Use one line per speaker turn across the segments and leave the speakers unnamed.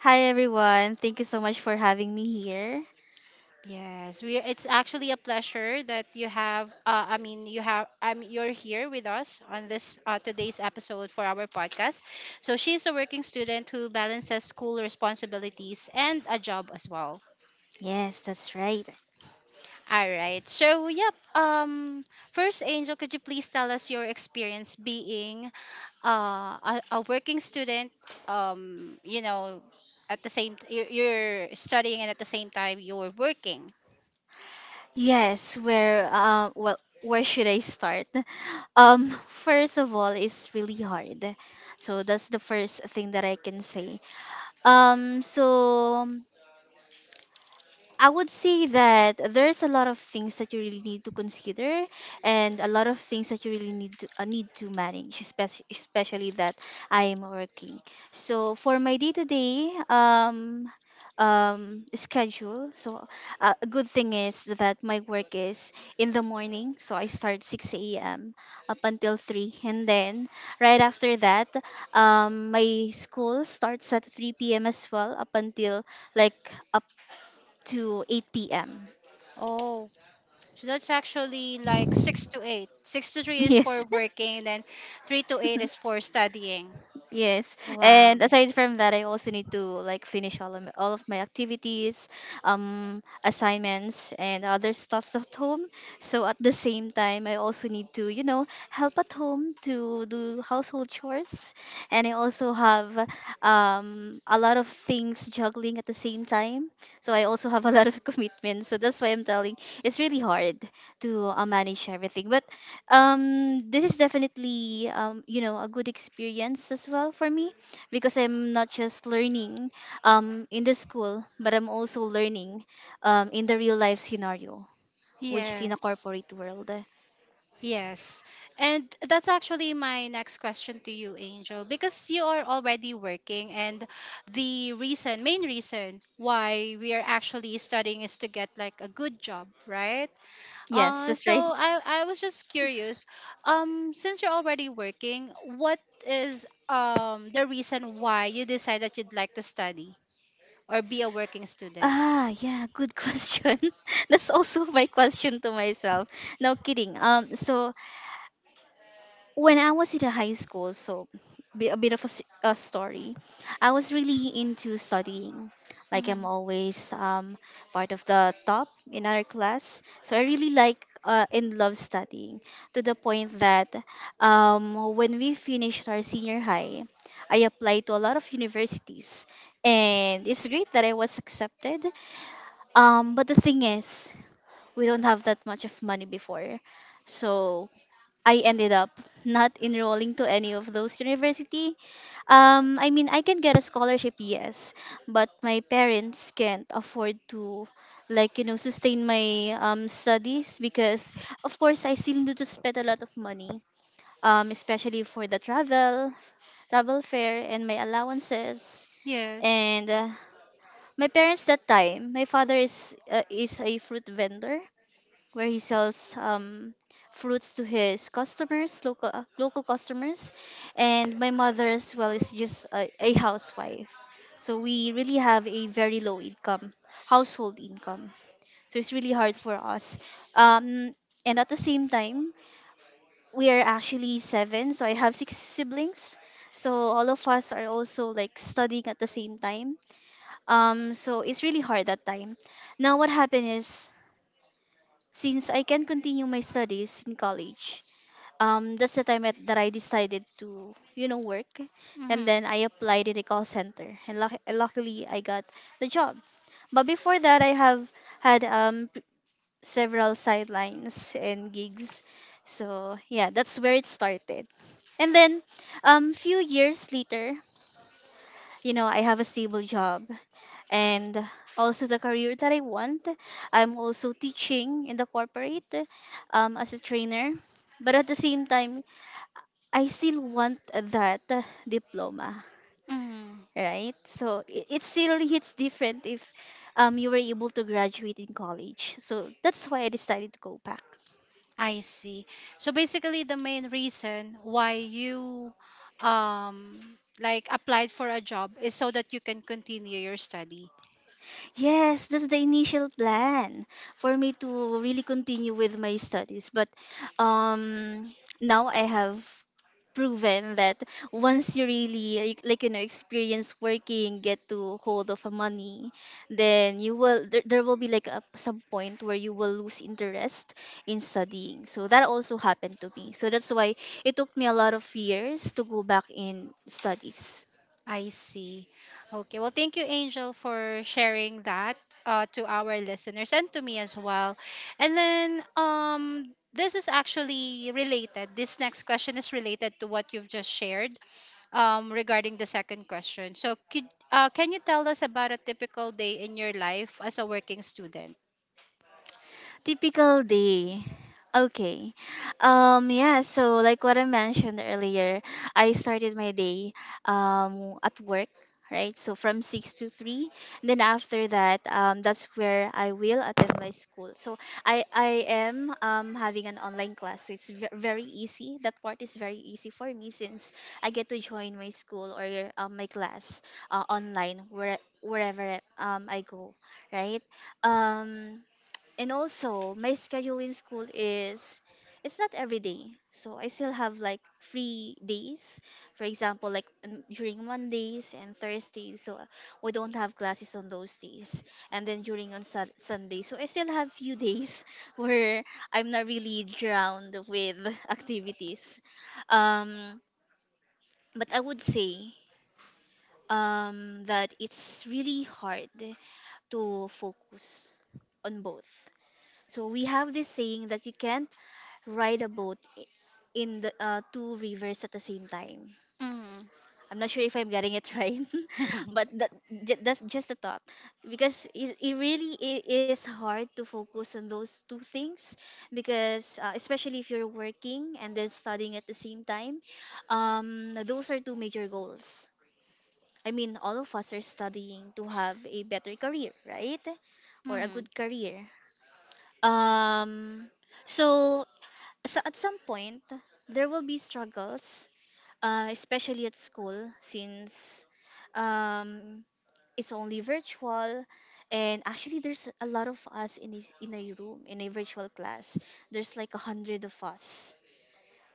Hi everyone. Thank you so much for having me here. Yes, that's right. Yes, where where should I start? First of all it's really hard. So that's the first thing that I can say. So I would say that there's a lot of things that you really need to consider and a lot of things that you really need to manage, especially that I am working. So for my day-to-day schedule, so a good thing is that my work is in the morning, so I start 6 a.m. up until 3 and then right after that, my school starts at 3 p.m. as well up until like up to 8 p.m. Yes. Yes. And aside from that, I also need to like finish all of my activities, assignments and other stuffs at home. So at the same time, I also need to, help at home to do household chores. And I also have a lot of things juggling at the same time. So I also have a lot of commitments. So that's why I'm telling it's really hard to manage everything. But this is definitely a good experience as well for me because I'm not just learning in the school but I'm also learning in the real life scenario which is in a corporate world. Yes, that's right. Yeah, good question. That's also my question to myself. No kidding. So when I was in a high school, so be- a bit of a, s- a story, I was really into studying. Like I'm always part of the top in our class, so I really like and love studying to the point that when we finished our senior high, I applied to a lot of universities, and it's great that I was accepted. But the thing is, we don't have that much of money before, so I ended up not enrolling to any of those university. I mean, I can get a scholarship, yes, but my parents can't afford to, sustain my studies because, of course, I still need to spend a lot of money, especially for the travel, travel fare, and my allowances. And my parents that time, my father is is a fruit vendor where he sells fruits to his customers, local local customers, and my mother as well is just a housewife. So we really have a very low income, household income. So it's really hard for us. Um, and at the same time, we are actually seven. So I have six siblings. So all of us are also like studying at the same time. So it's really hard that time. Now what happened is since I can continue my studies in college. That's the time that I decided to, work, and then I applied in a call center, and luckily I got the job. But before that, I have had several sidelines and gigs, so yeah, that's where it started. And then, few years later, I have a stable job, and also the career that I want. I'm also teaching in the corporate as a trainer, but at the same time, I still want that diploma, right? So it still hits different if you were able to graduate in college. So that's why I decided to go back. Yes, that's the initial plan for me to really continue with my studies. But um, now I have proven that once you really like experience working, get to hold of a money, then you will there will be like some point where you will lose interest in studying. So that also happened to me. So that's why it took me a lot of years to go back in studies. Typical day. Okay. Yeah, so like what I mentioned earlier, I started my day at work, right? So from 6 to 3. Then after that, that's where I will attend my school. So I am having an online class. So it's very easy. That part is very easy for me since I get to join my school or my class online wherever I go, right? Um and also my schedule in school is it's not every day, so I still have like free days, for example during Mondays and Thursdays, so we don't have classes on those days, and then during on Sat Sunday, so I still have few days where I'm not really drowned with activities. um but I would say that it's really hard to focus on both. So we have this saying that you can't ride a boat in the two rivers at the same time. I'm not sure if I'm getting it right, but that, that's just a thought because it really is hard to focus on those two things because especially if you're working and then studying at the same time, those are two major goals. I mean, all of us are studying to have a better career, right? Or a good career. Um, so So at some point, there will be struggles, especially at school, since um, it's only virtual. And actually, there's a lot of us in in a room, in a virtual class. There's like 100 of us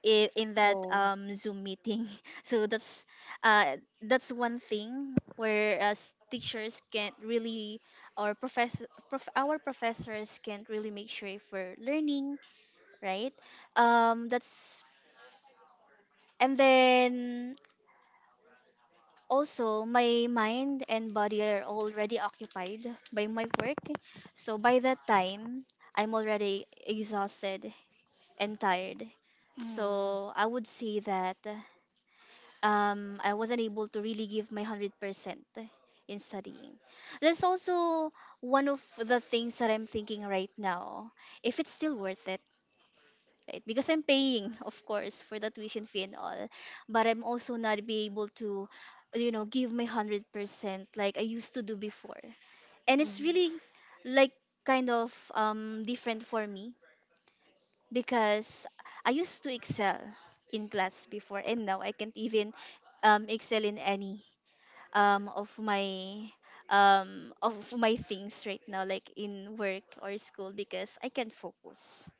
in that Zoom meeting. So uh, that's one thing where us teachers can't really, or our professors can't really make sure if we're learning, right? That's and then Also my mind and body are already occupied by my work. So by that time, I'm already exhausted and tired. So I would say that I wasn't able to really give my 100% in studying. That's also one of the things that I'm thinking right now. If it's still worth it, right? Because I'm paying, of course, for the tuition fee and all, but I'm also not be able to, give my 100% like I used to do before. And it's really like kind of different for me because I used to excel in class before, and now I can't even excel in any um of my of my things right now like in work or school because I can't focus.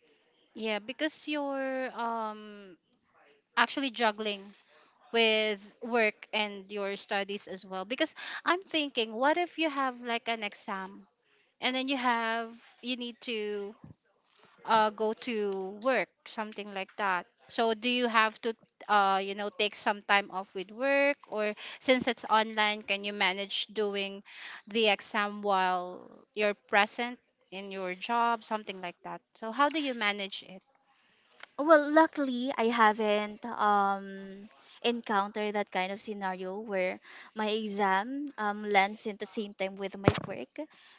Well, luckily, I haven't encountered that kind of scenario where my exam lands in the same time with my work.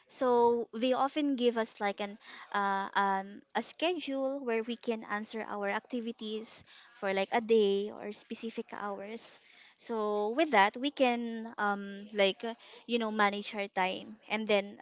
So they often give us like an a schedule where we can answer our activities for like a day or specific hours. So with that, we can manage our time and then.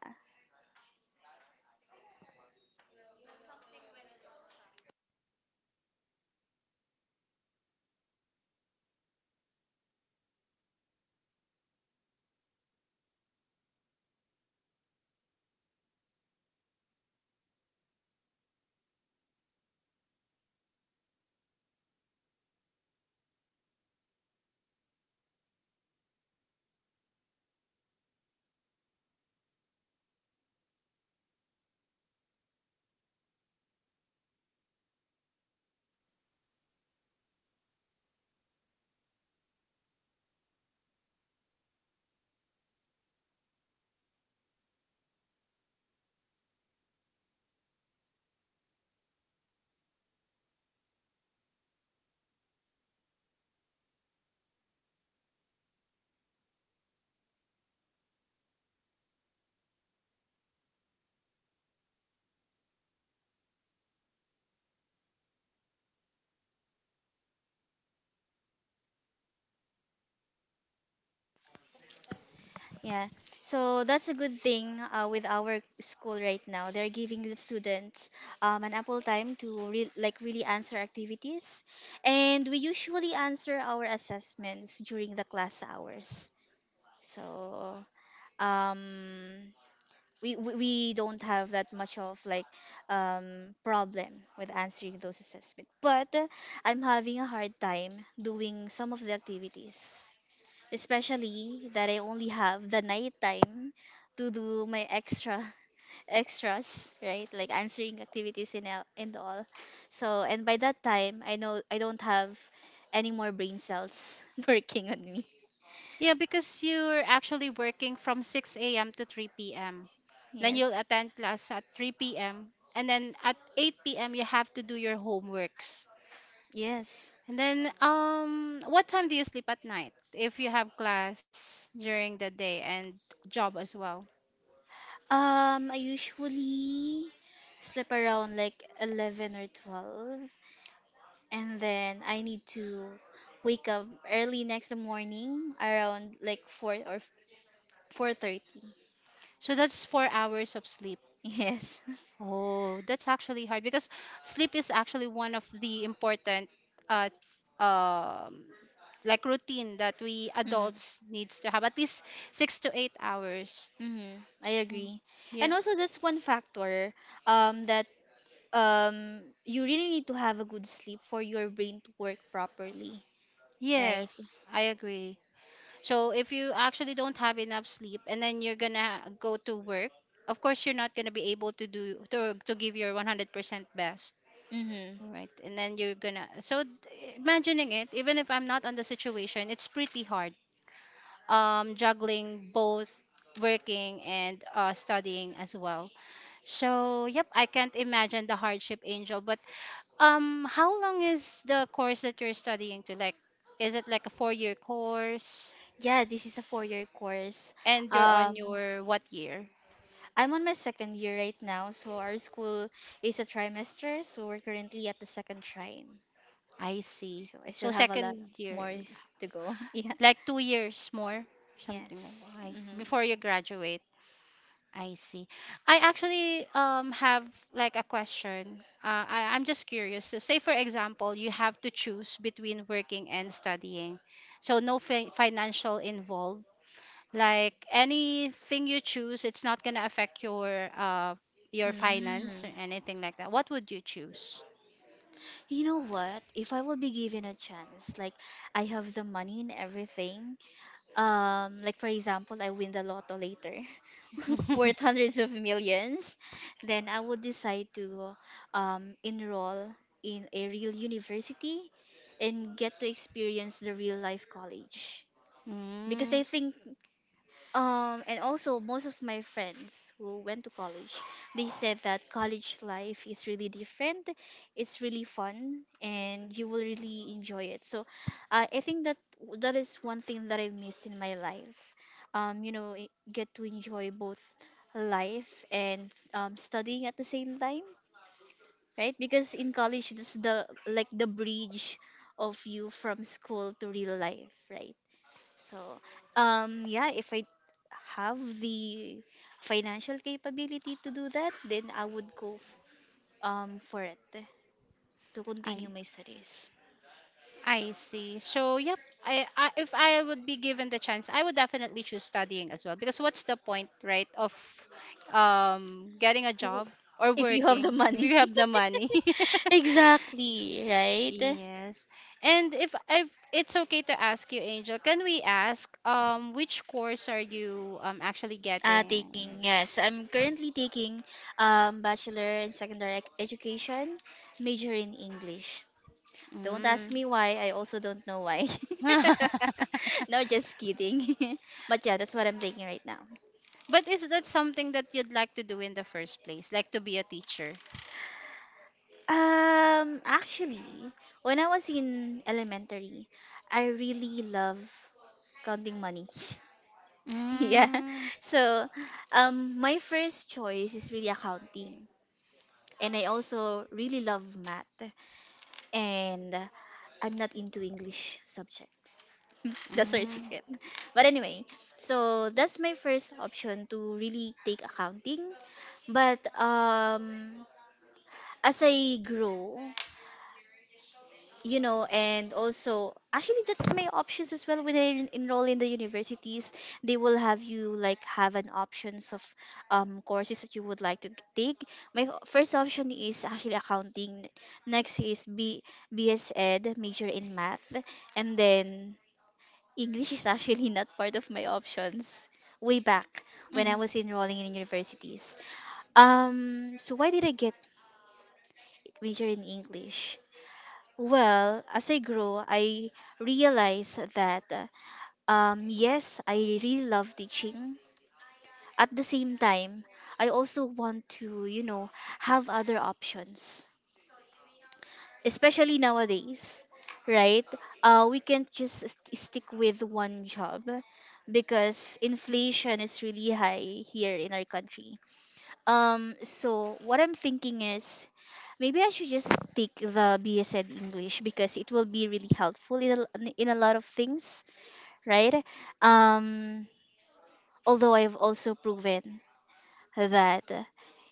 Yeah, so that's a good thing with our school right now. They're giving the students an ample time to like really answer activities, and we usually answer our assessments during the class hours. So um, we don't have that much of like problem with answering those assessments. But I'm having a hard time doing some of the activities, especially that I only have the night time to do my extra extras, right? Like answering activities and and all. So and by that time, I know I don't have any more brain cells working on me.
Yeah, because you're actually working from 6 a.m. to 3 p.m. Then you'll
Yes,
attend class at 3 p.m. And then at 8 p.m. you have to do your homeworks.
yes.
And then what time do you sleep at night if you have class during the day and job as well?
I usually sleep around like 11 or 12, and then I need to wake up early next morning around like 4 or 4:30.
So that's 4 hours of sleep.
Yes.
Oh, that's actually hard because sleep is actually one of the important uh um like routine that we
Mm,
adults needs to have at least 6 to 8 hours.
mm, I agree.
Yeah.
And also that's one factor that you really need to have a good sleep for your brain to work properly, right?
Yes, I agree. So if you actually don't have enough sleep and then you're gonna go to work, of course you're not gonna be able to do to give your 100% best.
Mm-hmm.
All right. And then you're gonna so d- imagining it, even if I'm not on the situation, it's pretty hard juggling both working and studying as well. So, yep, I can't imagine the hardship, Angel. But how long is the course that you're studying to? Like, is it like a four-year course,
Yeah, this is a 4-year course.
and you're on
Um,
your what year?
I'm on my second year right now, so our school is a trimester, so we're currently at the second trim.
I see.
So I still
So
have a lot
second year,
more to go. Yeah.
like 2 years more, something like
Yes.
that. I see.
Mm-hmm.
Before you graduate. I see. I actually have like a question. I'm just curious. So say for example, you have to choose between working and studying. So no fi financial involved. Like anything you choose, it's not gonna affect your finance
Mm.
or anything like that. What would you choose?
You know what? If I will be given a chance, like I have the money and everything, like for example, I win the lotto later, worth hundreds of millions, then I would decide to enroll in a real university and get to experience the real life college. Because
Mm,
I think and also most of my friends who went to college, they said that college life is really different. It's really fun, and you will really enjoy it. So, I think that that is one thing that I missed in my life. Get to enjoy both life and studying at the same time, right? Because in college, this the like the bridge of you from school to real life, right? So, yeah, if I have the financial capability to do that, then I would go for it to
I
continue my studies.
I see. So, yep. If I would be given the chance, I would definitely choose studying as well. Because what's the point, right, of getting a
W-
job or
If you have the
working if
money.
you have the money?
Exactly, right?
Yes. And if it's okay to ask you, Angel, can we ask which course are you actually
Taking
getting?
yes, I'm currently taking bachelor in secondary education, major in English. Don't
Mm.
ask me why. I also don't know why. No, just kidding. But yeah, that's what I'm taking right now.
But is that something that you'd like to do in the first place, like to be a teacher?
Actually, when I was in elementary, I really love counting money. Yeah.
Mm.
So, my first choice is really accounting. And I also really love math. And I'm not into English subject. That's our
Mm,
secret. But anyway, so that's my first option to really take accounting. But as I grow, you know, and also actually that's my options as well when they enroll in the universities, they will have you like have an options of courses that you would like to take. My first option is actually accounting. Next is b BS ed major in math, and then English is actually not part of my options way back when I was
mhm.
enrolling in universities. So why did I get major in English? Well, as I grow, I realize that yes, I really love teaching. At the same time, I also want to, you know, have other options, especially nowadays, right? We can't just stick with one job because inflation is really high here in our country. So what I'm thinking is maybe I should just take the BSN English because it will be really helpful in in a lot of things, right? Um, Although I've also proven that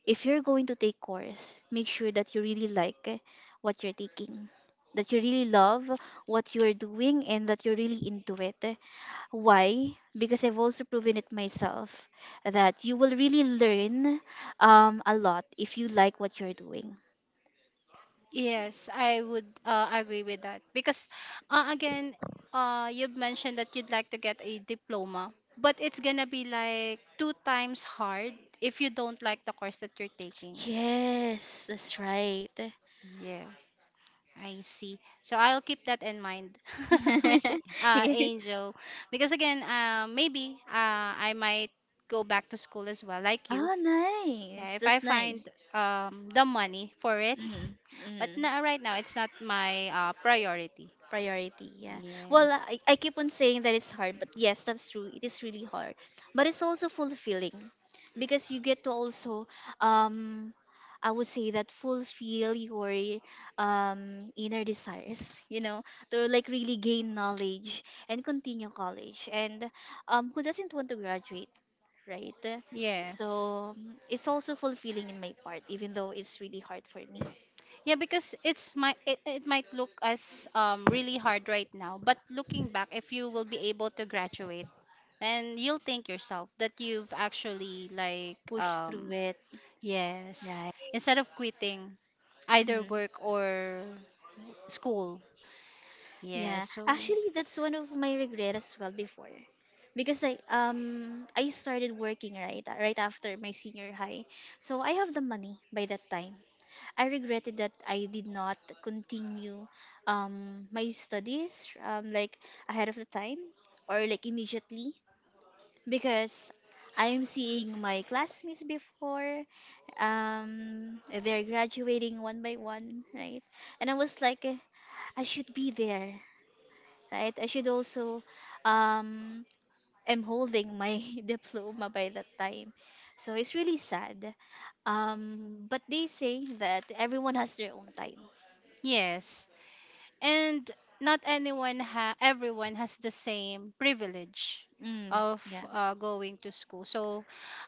if you're going to take course, make sure that you really like what you're taking, that you really love what you're doing and that you're really into it. Why? Because I've also proven it myself that you will really learn a lot if you like what you're doing.
Yes, I would agree with that because again, you've mentioned that you'd like to get a diploma, but it's gonna be like two times hard if you don't like the course that you're taking.
Yes, that's right.
Yeah, I see. So I'll keep that in mind, Miss
Yeah.
Angel, because again, maybe I might go back to school as well, like you.
Oh,
Yeah,
nice.
if I
That's
find
nice.
the money for it,
Mm-hmm.
but
Mm-hmm.
na right now it's not my priority.
Priority, yeah. Well,
Yes.
I keep on saying that it's hard, but yes, that's true, it is really hard, but it's also fulfilling because you get to also um I would say that fulfill your inner desires, you know, to like really gain knowledge and continue college, and who doesn't want to graduate, right?
Yes.
So it's also fulfilling in my part even though it's really hard for me.
Yeah, because it might look as really hard right now, but looking back, if you will be able to graduate, then you'll think yourself that you've actually like
Push through it,
yes,
right.
instead of quitting either
Hmm.
work or school. Yes.
Yeah,
So
actually, that's one of my regret as well before, because I started working right right after my senior high, so I have the money by that time. I regretted that I did not continue my studies like ahead of the time or like immediately, because I'm seeing my classmates before um they're graduating one by one, right? And I was like I should be there, right? I should also um am holding my diploma by that time. So it's really sad. But they say that everyone has their own time.
yes. And not anyone ha everyone has the same privilege
Mm,
of
yeah.
going to school, so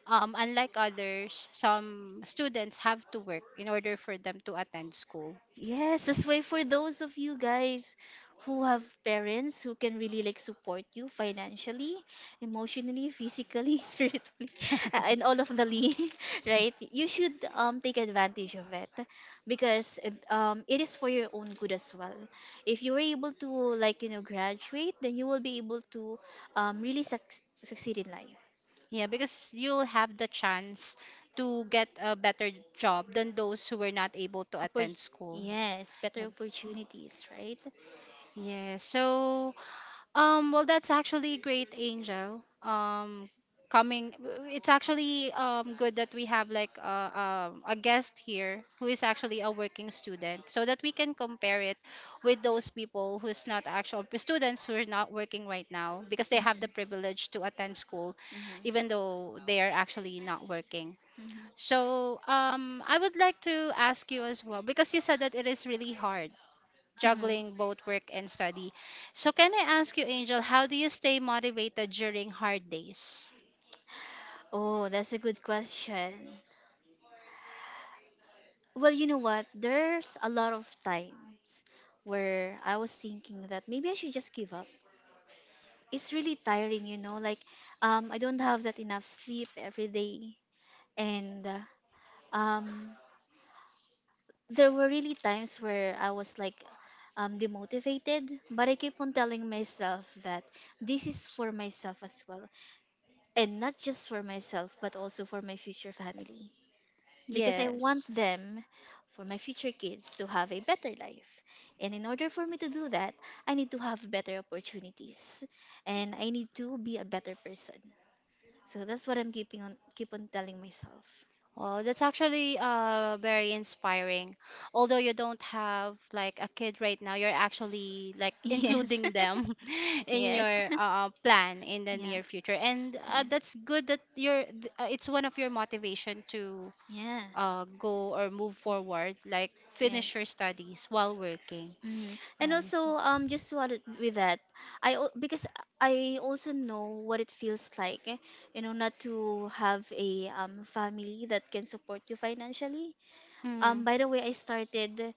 unlike others, some students have to work in order for them to attend school.
Yes, that's why for those of you guys who have parents who can really like support you financially, emotionally, physically, spiritually, and all of the right? You should take advantage of it because it is for your own good as well. If you were able to like you know graduate, then you will be able to really succeed in life.
Yeah, because you'll have the chance to get a better job than those who were not able to
Oppor-
attend school.
yes, better
Ag-
opportunities, right?
yeah, so well, that's actually great, Angel. Coming, it's actually good that we have like a guest here who is actually a working student, so that we can compare it with those people who's not actual students who are not working right now because they have the
Mm-hmm.
privilege to attend school, even
Mm-hmm.
though they are actually not working.
Mm-hmm.
So, I would like to ask you as well because you said that it is really hard
Mm-hmm.
juggling both work and study. So, can I ask you, Angel, how do you stay motivated during hard days?
Oh, that's a good question. Well, you know what? There's a lot of times where I was thinking that maybe I should just give up. It's really tiring, you know, like I don't have that enough sleep every day, and um there were really times where I was like demotivated, but I keep on telling myself that this is for myself as well, and not just for myself but also for my future family. Because I want
Yes.
them for my future kids to have a better life. And in order for me to do that, I need to have better opportunities and I need to be a better person. So that's what I'm keeping on keep on telling myself.
Well, that's actually very inspiring. Although you don't have like a kid right now, you're actually like
Yes.
including them in
Yes.
your plan in the
Yeah.
near future. And
Yeah.
that's good that it's one of your motivation to
Yeah.
go or move
Ye-
forward, like finish your
Yes.
studies while working.
Mm. And
I see.
also, just to add with that, because I also know what it feels like, you know, not to have a family that can support you financially.
Mm-hmm.
By the way, I started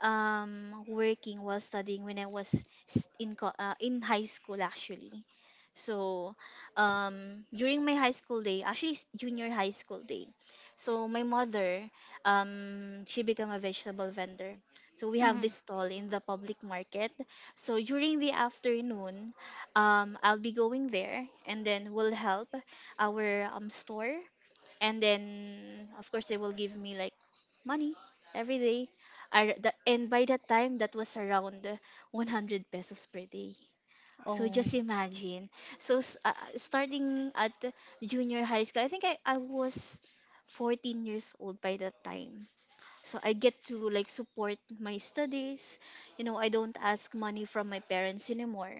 working while studying when I was in high school actually. So during my high school day, actually junior high school day, so my mother, she became a vegetable vendor. So we have
Mm-hmm.
this stall in the public market. So during the afternoon, I'll be going there, and then we'll help our store, and then of course they will give me like money every day. And by that time that was around 100 pesos per day. So
Oh,
just imagine. So starting at junior high school, I think I was 14 years old by that time. So I get to like support my studies, you know, I don't ask money from my parents anymore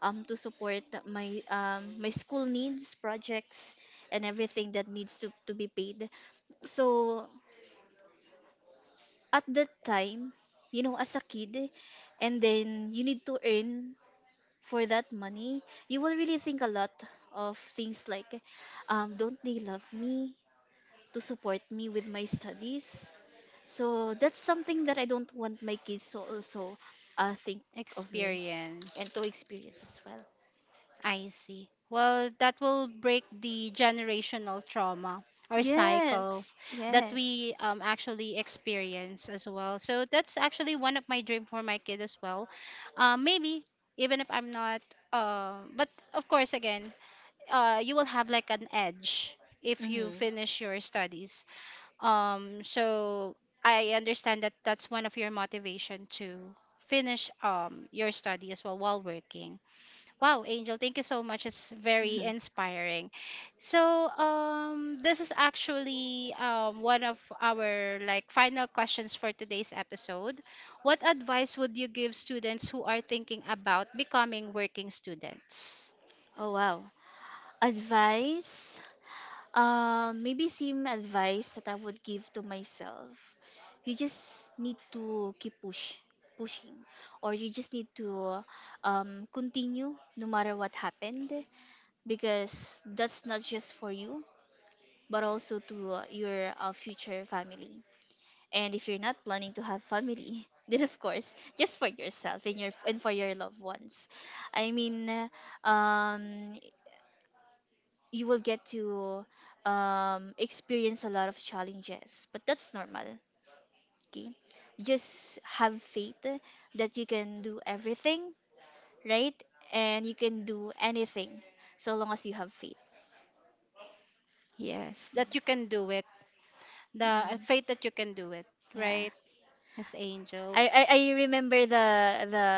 to support my my school needs, projects, and everything that needs to be paid. So at that time, you know, as a kid, and then you need to earn for that money, you will really think a lot of things like, don't they love me to support me with my studies? So that's something that I don't want my kids to also think of me and
experience.
to experience as well.
I see. Well, that will break the generational trauma or cycles
Yes,
that
yes.
we actually experience as well. So that's actually one of my dream for my kid as well. Maybe even if I'm not, but of course, again, you will have like an edge if you
Mm-hmm.
finish your studies. So I understand that that's one of your motivation to finish your study as well while working. Wow, Angel, thank you so much. It's very
Mm-hmm.
inspiring. So this is actually one of our like final questions for today's episode. What advice would you give students who are thinking about becoming working students?
Oh wow. Advice? Maybe same advice that I would give to myself. You just need to keep pushing, or you just need to continue no matter what happened, because that's not just for you but also to your future family. And if you're not planning to have family, then of course, just for yourself and your and for your loved ones. I mean, um, you will get to experience a lot of challenges, but that's normal. Okay, just have faith that you can do everything, right, and you can do anything so long as you have faith.
Yes, that you can do it. The
Mm,
faith that you can do it,
yeah.
right, Miss Angel?
I remember the the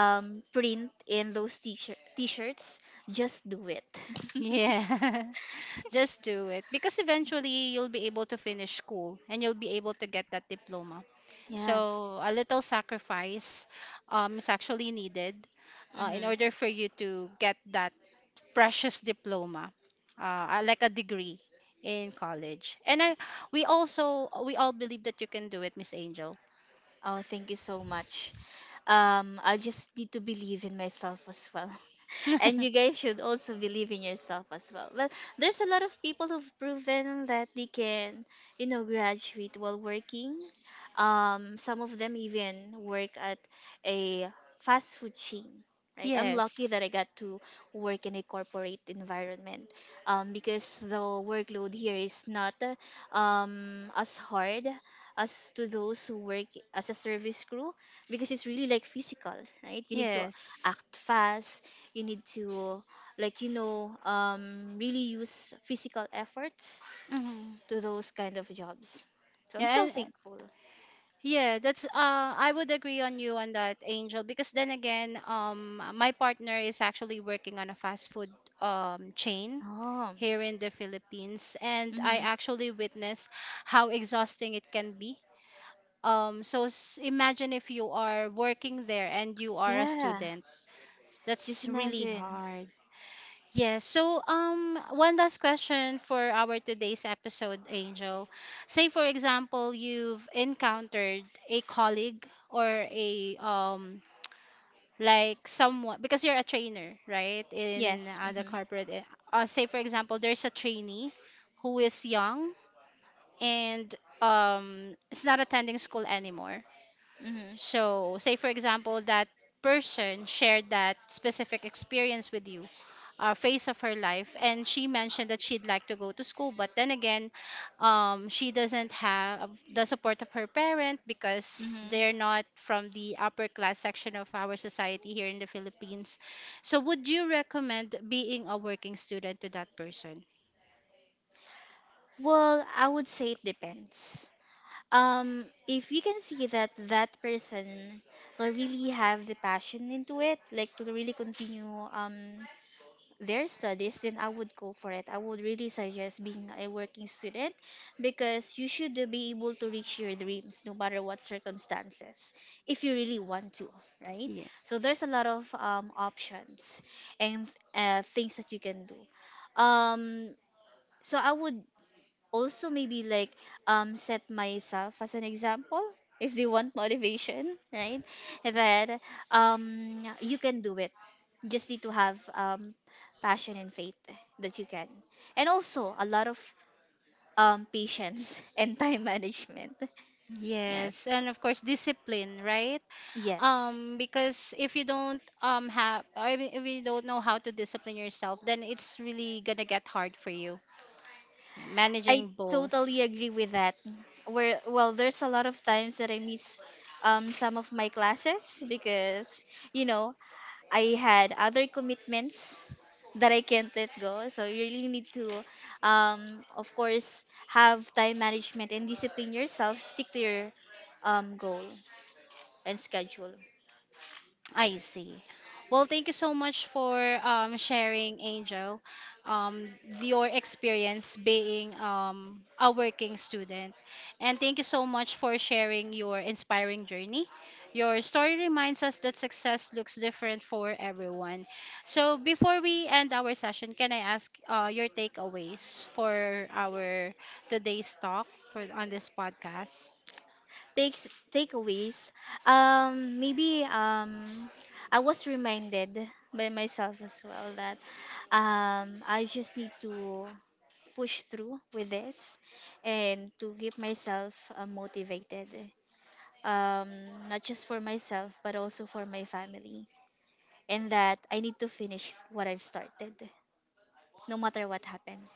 um print in those t-shirts. Just do it.
Yes, just do it because eventually you'll be able to finish school and you'll be able to get that diploma.
Yes.
So a little sacrifice is actually needed in
Mm-hmm.
order for you to get that precious diploma, like a degree in college. We also we all believe that you can do it, Miss Angel.
Oh, thank you so much. I just need to believe in myself as well. And you guys should also believe in yourself as well. Well, there's a lot of people who've proven that they can, you know, graduate while working. Some of them even work at a fast food chain. Right, I'm lucky that
yes,
I got to work in a corporate environment, because the workload here is not as hard as to those who work as a service crew, because it's really like physical, right? You need to
yes.
act fast, you need to like you know really use physical efforts
Hmm.
to those kind of jobs, so I'm
Yeah,
so
and
thankful.
yeah, that's I would agree on you on that, Angel, because then again, my partner is actually working on a fast food chain
Oh.
here in the Philippines and I
Mm-hmm.
actually witness how exhausting it can be. Imagine if you are working there and you are a
Yeah.
student.
Just
That's really
imagine.
hard. Yes. So, one last question for our today's episode, Angel. Say, for example, you've encountered a colleague or a like someone because you're a trainer, right? In
Yes.
the
Mm-hmm.
corporate, say for example, there's a trainee who is young and is not attending school anymore.
Mm-hmm.
So, say for example, that person shared that specific experience with you, phase of her life, and she mentioned that she'd like to go to school, but then again she doesn't have the support of her parent because they're
Mm-hmm.
not from the upper class section of our society here in the Philippines. So would you recommend being a working student to that person?
Well, I would say it depends. If you can see that that person will really have the passion into it, like to really continue um their studies, then I would go for it. I would really suggest being a working student because you should be able to reach your dreams no matter what circumstances, if you really want to, right?
Yeah.
So there's a lot of options and things that you can do. Um, so I would also maybe like set myself as an example if they want motivation, right, that you can do it, you just need to have passion and faith that you can, and also a lot of patience and time management.
Yes,
Yes,
and of course discipline, right?
yes.
Because if you don't if you don't know how to discipline yourself, then it's really gonna get hard for you. Yeah,
I
managing both.
totally agree with that. Where well, there's a lot of times that I miss some of my classes because you know I had other commitments that I can't let go. So you really need to, of course, have time management and discipline yourself. Stick to your goal and schedule.
I see. Well, thank you so much for sharing, Angel, um, your experience being a working student. And thank you so much for sharing your inspiring journey. Your story reminds us that success looks different for everyone. So, before we end our session, can I ask your takeaways for our today's talk for on this podcast?
Takes Takeaways. Maybe I was reminded by myself as well that I just need to push through with this and to keep myself motivated, um, not just for myself, but also for my family. And that I need to finish what I've started, no matter what happened.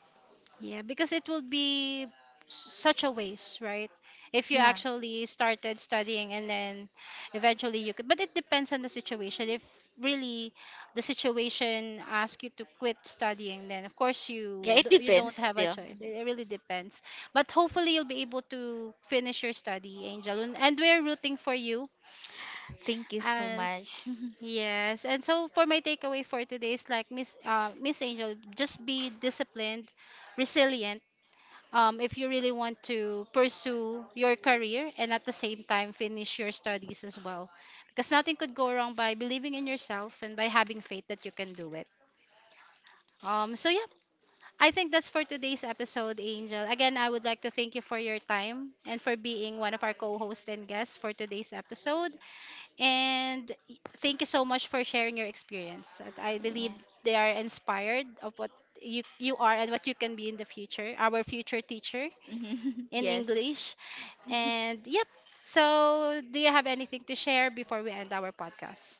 Yeah, because it will be such a waste, right? If you
Yeah.
actually started studying and then eventually you could, but it depends on the situation. If really the situation asks you to quit studying, then of course
Yeah, it
you
depends
don't have a
still.
choice. It really depends. But hopefully you'll be able to finish your study, Angel, and we're rooting for you
Thank you so
as.
much.
Yes, and so for my takeaway for today is like Miss Miss Angel, just be disciplined, resilient, if you really want to pursue your career and at the same time finish your studies as well. Because nothing could go wrong by believing in yourself and by having faith that you can do it. Yeah, I think that's for today's episode, Angel. Again, I would like to thank you for your time and for being one of our co hosts and guests for today's episode. And thank you so much for sharing your experience. And I
Yeah.
believe they are inspired of what you are and what you can be in the future, our future teacher
Mhm.
in
Yes.
English. And yep. So, do you have anything to share before we end our podcast?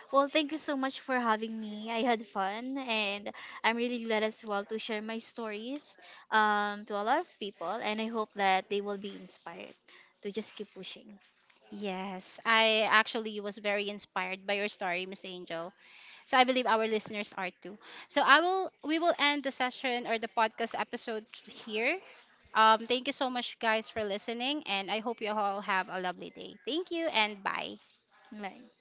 Well, thank you so much for having me. I had fun and I'm really glad as well to share my stories to a lot of people. And I hope that they will be inspired to just keep pushing.
Yes, I actually was very inspired by your story, Miss Angel. So I believe our listeners are too. So I will we will end the session or the podcast episode here. Thank you so much guys for listening and I hope you all have a lovely day. Thank you and bye.
Right.